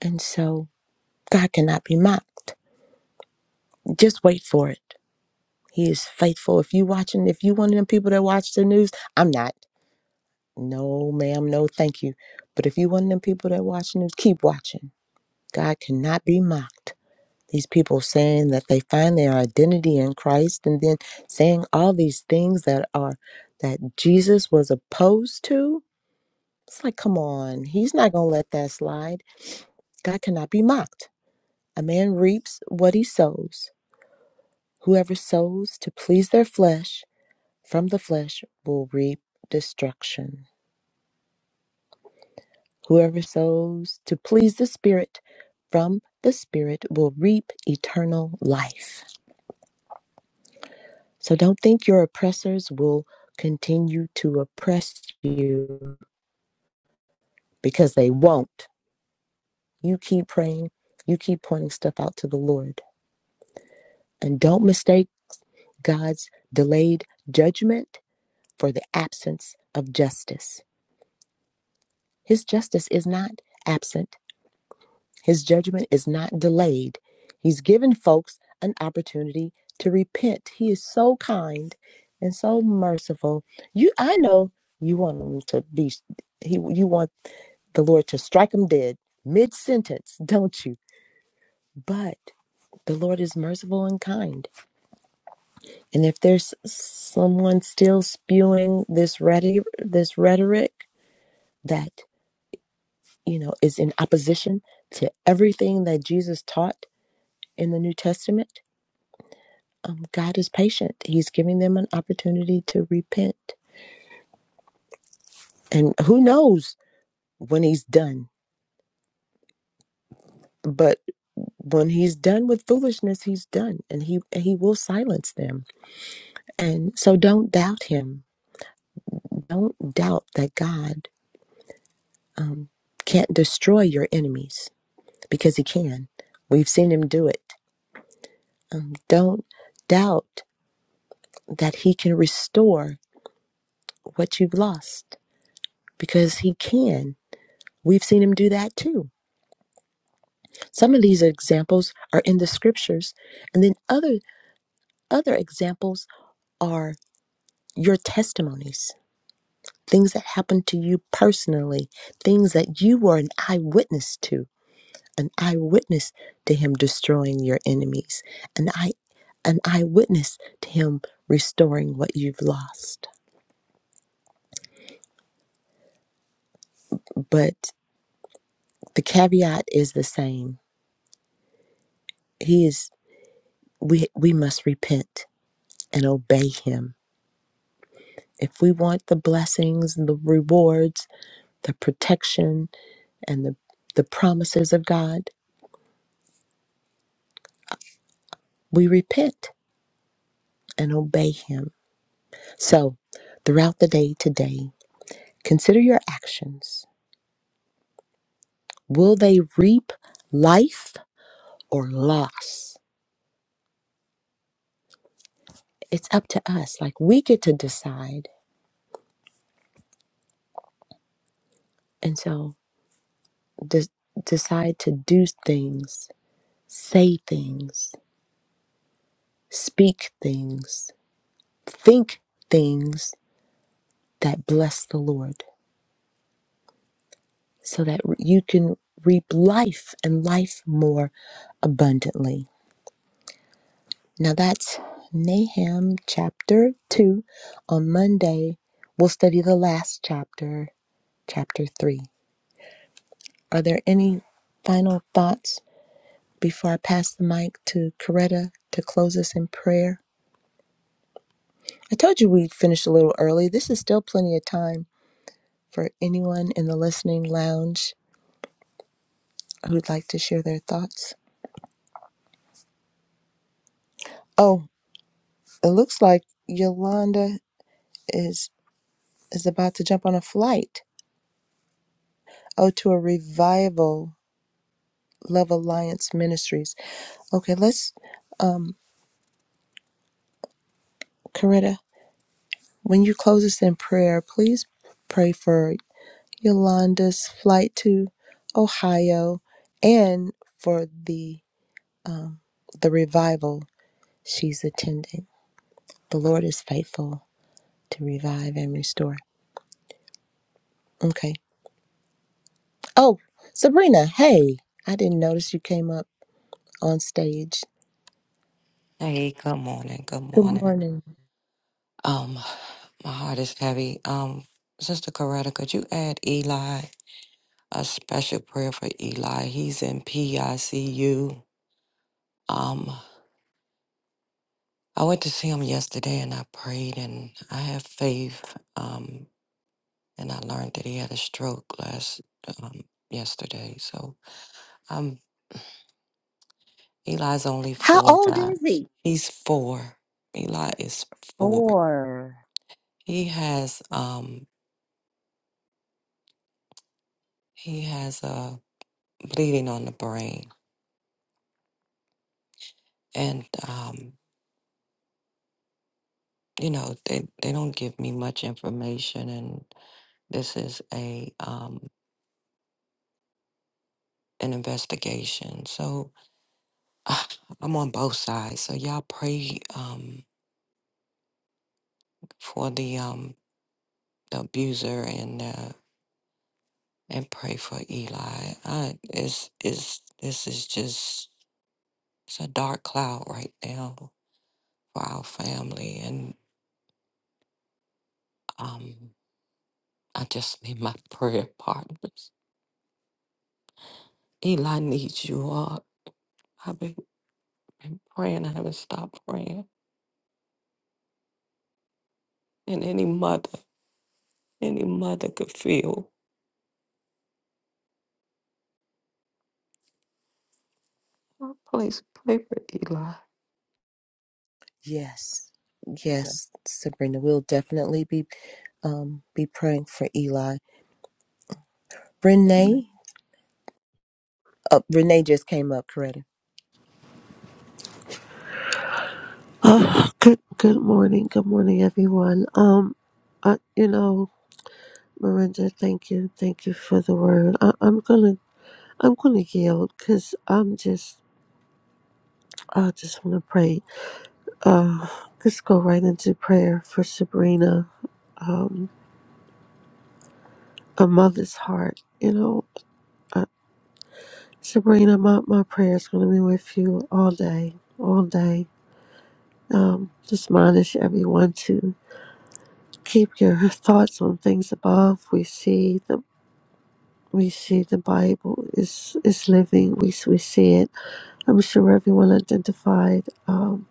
Speaker 1: And so God cannot be mocked. Just wait for it. He is faithful. If you watching, if you one of them people that watch the news, I'm not. No, ma'am, no, thank you. But if you one of them people that watch the news, keep watching. God cannot be mocked. These people saying that they find their identity in Christ and then saying all these things that are that Jesus was opposed to. It's like, come on, he's not going to let that slide. God cannot be mocked. A man reaps what he sows. Whoever sows to please their flesh from the flesh will reap destruction. Whoever sows to please the Spirit from the Spirit will reap eternal life. So don't think your oppressors will continue to oppress you because they won't. You keep praying, you keep pointing stuff out to the Lord. And don't mistake God's delayed judgment for the absence of justice. His justice is not absent, His judgment is not delayed. He's given folks an opportunity to repent. He is so kind and so merciful. You I know you want him to be he you want the Lord to strike them dead mid sentence, [LAUGHS] don't you? But the Lord is merciful and kind. And if there's someone still spewing this rhetoric, this rhetoric that, you know, is in opposition to everything that Jesus taught in the New Testament, um, God is patient. He's giving them an opportunity to repent. And who knows when he's done. But when he's done with foolishness, he's done and he he will silence them And so don't doubt him. Don't doubt that God um, can't destroy your enemies because he can. We've seen him do it. Um, don't doubt that he can restore what you've lost because he can. We've seen him do that too. Some of these examples are in the scriptures, and then other other examples are your testimonies, things that happened to you personally, things that you were an eyewitness to an eyewitness to him destroying your enemies, an eye an eyewitness to him restoring what you've lost. But the caveat is the same. He is we we must repent and obey him. If we want the blessings and the rewards, the protection and the, the promises of God, we repent and obey him. So throughout the day today, consider your actions Will they reap life or loss? It's up to us. Like we get to decide. And so de- decide to do things, say things, speak things, think things that bless the Lord so that you can reap life and life more abundantly. Now that's Nahum chapter 2. On Monday, we'll study the last chapter, chapter 3. Are there any final thoughts before I pass the mic to Coretta to close us in prayer? I told you we'd finish a little early. This is still plenty of time for anyone in the listening lounge who'd like to share their thoughts. Oh, it looks like Yolanda is is about to jump on a flight. Oh, to a revival Love Alliance Ministries. Okay, let's um Coretta, when you close us in prayer, please pray for Yolanda's flight to Ohio and for the the revival she's attending. The Lord is faithful to revive and restore. Okay. Oh, Sabrina, hey, I didn't notice you came up on stage.
Speaker 2: Hey, good morning. Good
Speaker 1: Good
Speaker 2: morning.
Speaker 1: morning.
Speaker 2: Um, my heart is heavy. Um, Sister Coretta, could you add Eli a special prayer for Eli? He's in PICU. Um, I went to see him yesterday and I prayed and I have faith. Um, and I learned that he had a stroke last um yesterday. So um Eli's only
Speaker 1: How
Speaker 2: four
Speaker 1: old is?
Speaker 2: guys. He's four. Eli is four. He has um he has a bleeding on the brain. And, um, you know, they, they don't give me much information, and this is a um, an investigation. So [SIGHS] ah, I'm on both sides. So y'all pray um, for the, um, the abuser and uh, and pray for Eli. I, it's, it's, this is just it's a dark cloud right now for our family, and um, I just need my [LAUGHS] prayer partners. Eli needs you all. I've been, been praying. I haven't stopped praying. And any mother, any mother could feel. Oh, Please pray for Eli.
Speaker 1: Yes.
Speaker 3: Okay.
Speaker 1: Yes, Sabrina, we'll definitely be um be praying for Eli.
Speaker 3: Amen.
Speaker 1: Renee, uh, Renee just came up, correct?
Speaker 4: Good good morning. Good morning everyone. Um I, you know, Miranda, thank you. Thank you for the word. I, I'm gonna I'm gonna yield because I'm just I just wanna pray. Let's go right into prayer for Sabrina, um, a mother's heart. You know, uh, Sabrina, my, my prayer is gonna be with you all day, all day. Um, just admonish everyone to keep your [LAUGHS] thoughts on things above. We see we see the Bible is is living. We s- we see it. I'm sure everyone identified um,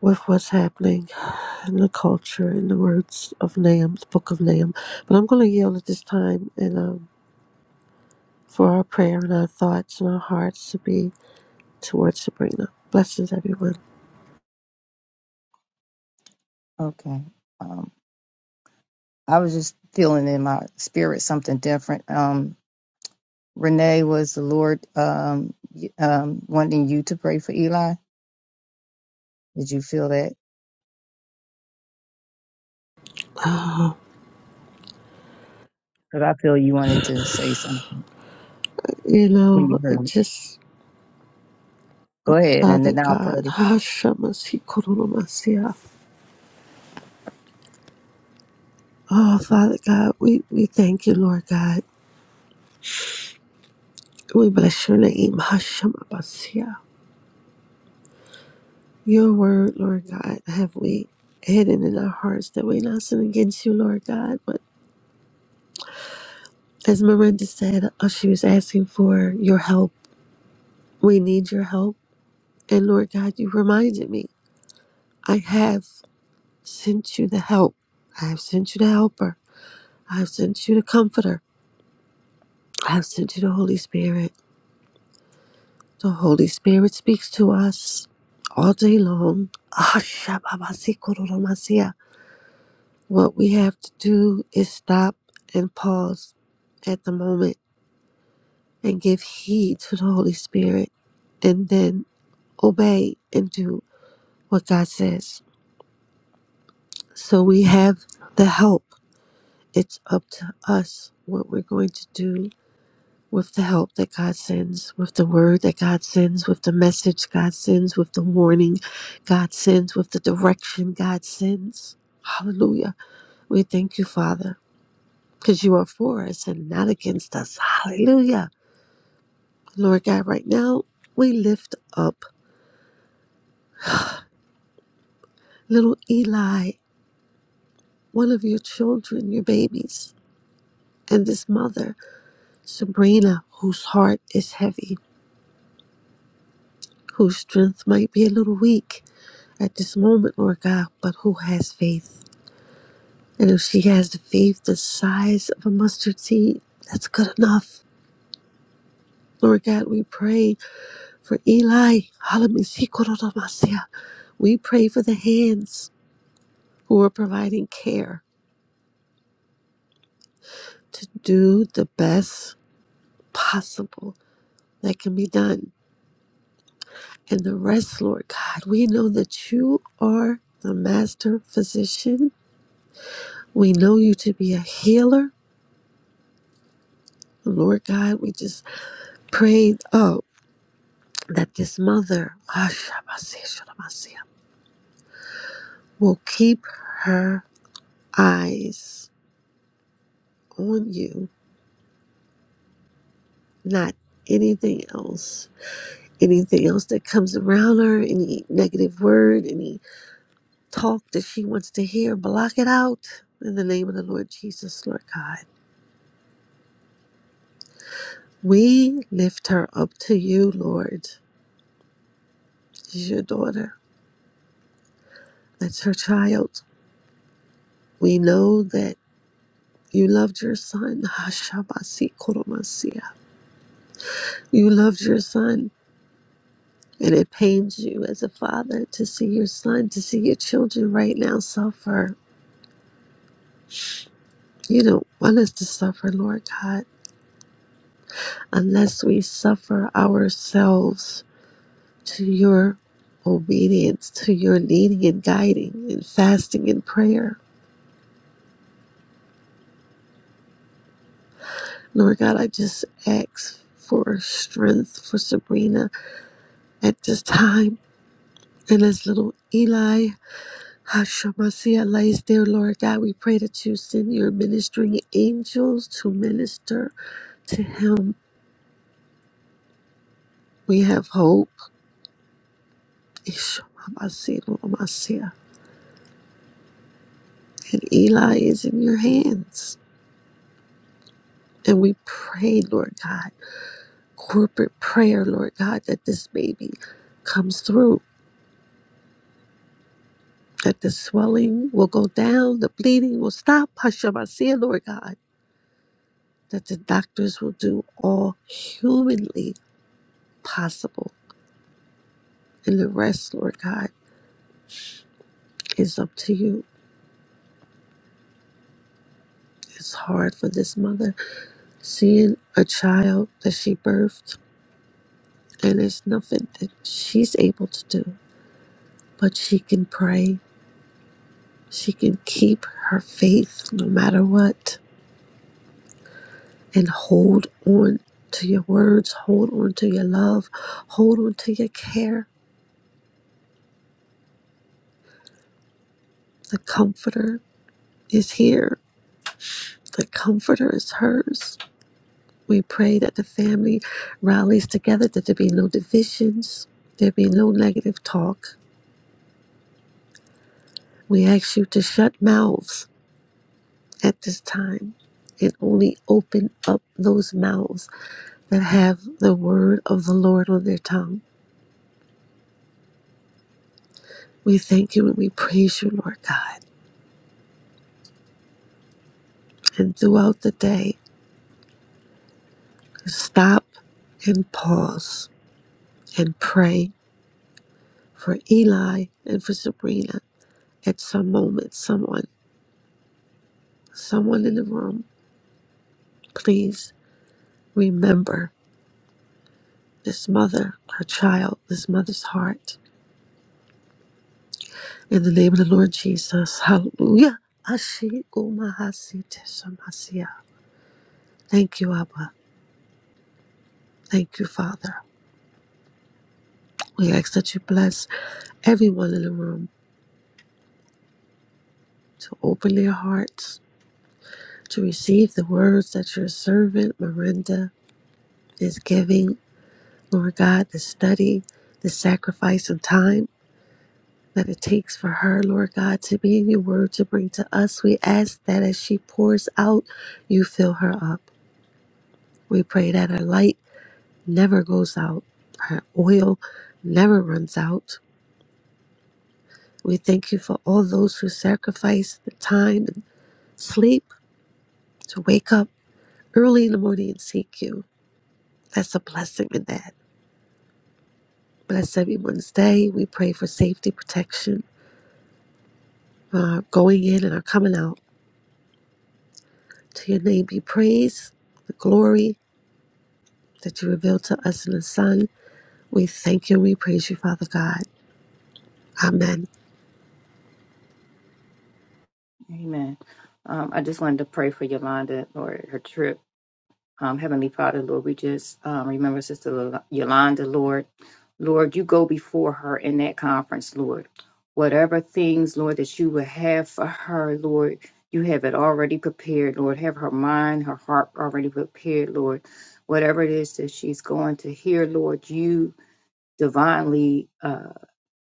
Speaker 4: with what's happening in the culture, in the words of Nahum, the book of Nahum. But I'm going to yield at this time and um, for our prayer and our thoughts and our hearts to be towards Sabrina. Blessings, everyone. [SIGHS]
Speaker 3: Okay. Um, I was just feeling in my spirit something different. Um, Renee, was the Lord um, y- um, wanting you to pray for Eli? Did you feel that?
Speaker 4: Ah,
Speaker 3: Because I feel you wanted to say something
Speaker 4: you
Speaker 3: when you
Speaker 4: know,
Speaker 3: heard
Speaker 4: it
Speaker 3: me.
Speaker 4: just.
Speaker 3: Go ahead, and
Speaker 4: Father
Speaker 3: then I'll
Speaker 4: God, [SIGHS]
Speaker 3: pray.
Speaker 4: Hashemashikoromasiya. oh Father God, we, we thank you, Lord God. We bless your name, Hashem Abbasia. Your word, Lord God, have we hidden in our hearts that we not sin against you, Lord God. But as Miranda said, uh, she was asking for your help. We need your help. And Lord God, you reminded me, I have sent you the help. I have sent you the helper. I have sent you the comforter. I have sent you the Holy Spirit. The Holy Spirit speaks to us all day long. Hashem Abbasia. What we have to do is stop and pause at the moment and give heed to the Holy Spirit and then obey and do what God says. So we have the help. It's up to us what we're going to do with the help that God sends, with the word that God sends, with the message God sends, with the warning God sends, with the direction God sends. Hallelujah. We thank you, Father. because you are for us and not against us. Hallelujah. Lord God, right now, we lift up little Eli, one of your children, your babies, and this mother, Sabrina, whose heart is heavy, whose strength might be a little weak at this moment, Lord God, but who has faith. And if she has the faith the size of a mustard seed, that's good enough. Lord God, we pray for Eli. Hallelujah. We pray for the hands who are providing care to do the best possible that can be done. And the rest, Lord God, we know that you are the master physician. We know you to be a healer. Lord God, we just prayed oh, that this mother will keep her eyes on you, not anything else. Anything else that comes around her, any negative word, any talk that she wants to hear, block it out in the name of the Lord Jesus, Lord God. We lift her up to you, Lord. She's your daughter. That's her child. We know that you loved your son. [LAUGHS] Hashabasi koromasia. You loved your son. And it pains you as a father to see your son, to see your children right now suffer. You don't want us to suffer, Lord God, unless we suffer ourselves to your obedience, to your leading and guiding and fasting and prayer. Lord God, I just ask for strength for Sabrina at this time. And as little Eli Hashemasiah lays there, Lord God, we pray that you send your ministering angels to minister to him. We have hope. And Eli is in your hands. And we pray, Lord God. corporate prayer, Lord God, that this baby comes through, that the swelling will go down, the bleeding will stop. Hashamasiyah, Lord God, that the doctors will do all humanly possible. And the rest, Lord God, is up to you. It's hard for this mother seeing a child that she birthed, and it's nothing that she's able to do, but she can pray. She can keep her faith no matter what and hold on to your words, hold on to your love, hold on to your care. The Comforter is here, the Comforter is hers. We pray that the family rallies together, that there be no divisions, there be no negative talk. We ask you to shut mouths at this time and only open up those mouths that have the word of the Lord on their tongue. We thank you and we praise you, Lord God. And throughout the day, to stop and pause and pray for Eli and for Sabrina at some moment. Someone, someone in the room, please remember this mother, her child, this mother's heart. In the name of the Lord Jesus, hallelujah. Ashigumahasitesamasia. Thank you, Abba. Thank you, Father. We ask that you bless everyone in the room to open their hearts to receive the words that your servant, Miranda, is giving, Lord God, the study, the sacrifice of time that it takes for her, Lord God, to be in your word to bring to us. We ask that as she pours out, you fill her up. We pray that her light never goes out, her oil never runs out. We thank you for all those who sacrifice the time and sleep to wake up early in the morning and seek you. That's a blessing in that. Bless everyone's day. We pray for safety protection uh, going in and our coming out. To your name be praise, the glory that you reveal to us in the Son. We thank you and we praise you, Father God. Amen.
Speaker 3: Amen. Um, I just wanted to pray for Yolanda or her trip. Um, Heavenly Father, Lord, we just um, remember Sister Lo- Yolanda, Lord. Lord, you go before her in that conference, Lord. Whatever things, Lord, that you would have for her, Lord, you have it already prepared, Lord. Have her mind, her heart already prepared, Lord. Whatever it is that she's going to hear, Lord, you divinely uh,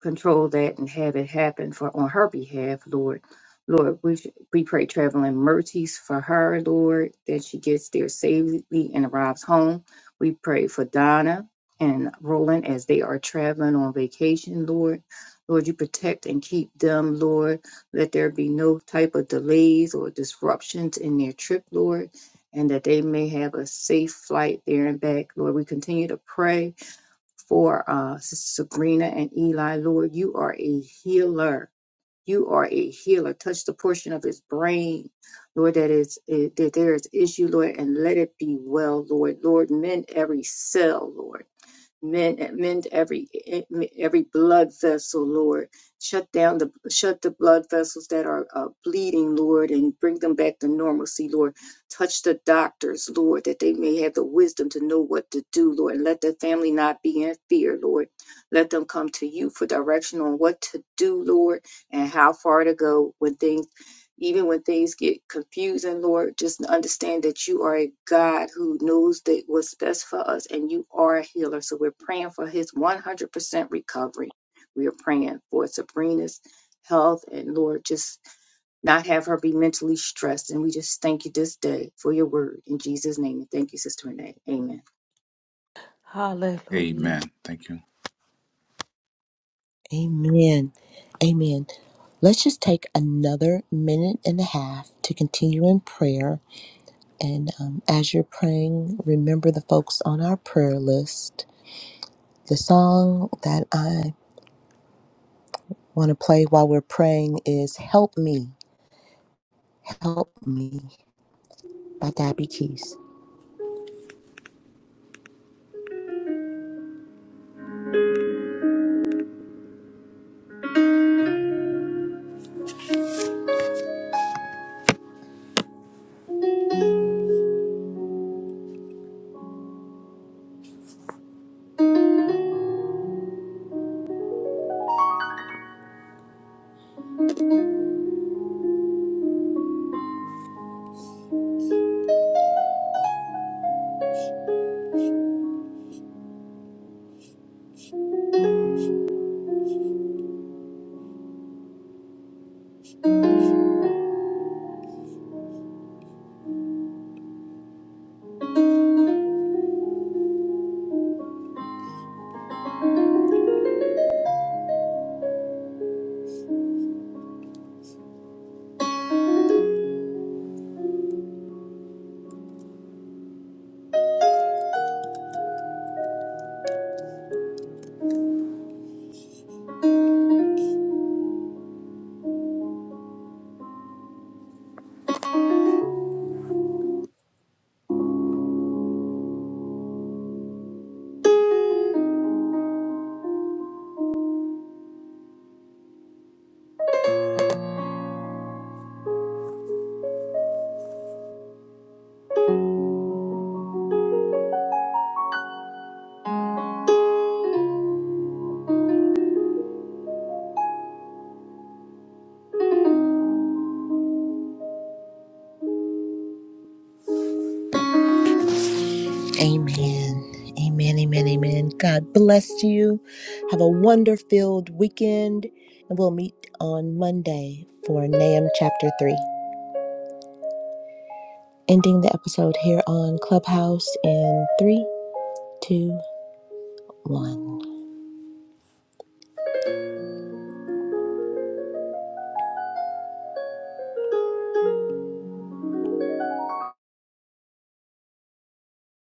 Speaker 3: control that and have it happen for on her behalf, Lord. Lord, we, we pray traveling mercies for her, Lord, that she gets there safely and arrives home. We pray for Donna and Roland as they are traveling on vacation, Lord. Lord, you protect and keep them, Lord. Let there be no type of delays or disruptions in their trip, Lord, and that they may have a safe flight there and back. Lord, we continue to pray for uh, Sister Sabrina and Eli. Lord, you are a healer. You are a healer. Touch the portion of his brain, Lord, that is eh, that there is issue, Lord, and let it be well, Lord. Lord, mend every cell, Lord. Mend, mend every every blood vessel, Lord. Shut down the shut the blood vessels that are uh, bleeding, Lord, and bring them back to normalcy, Lord. Touch the doctors, Lord, that they may have the wisdom to know what to do, Lord, and let the family not be in fear, Lord. Let them come to you for direction on what to do, Lord, and how far to go when things even when things get confusing, Lord, just understand that you are a God who knows that what's best for us and you are a healer. So we're praying for his 100% recovery. We are praying for Sabrina's health and Lord, just not have her be mentally stressed. And we just thank you this day for your word in Jesus' name. And thank you, Sister Renee. Amen.
Speaker 2: Hallelujah.
Speaker 5: Amen. Thank you.
Speaker 1: Amen. Amen. Let's just take another minute and a half to continue in prayer. And um, as you're praying, remember the folks on our prayer list. The song that I want to play while we're praying is Help Me, Help Me by Debbie Keys. Amen. Amen. Amen. Amen. God bless you. Have a wonder filled weekend. And we'll meet on Monday for Nahum chapter 3. ending the episode here on Clubhouse in three, two, one.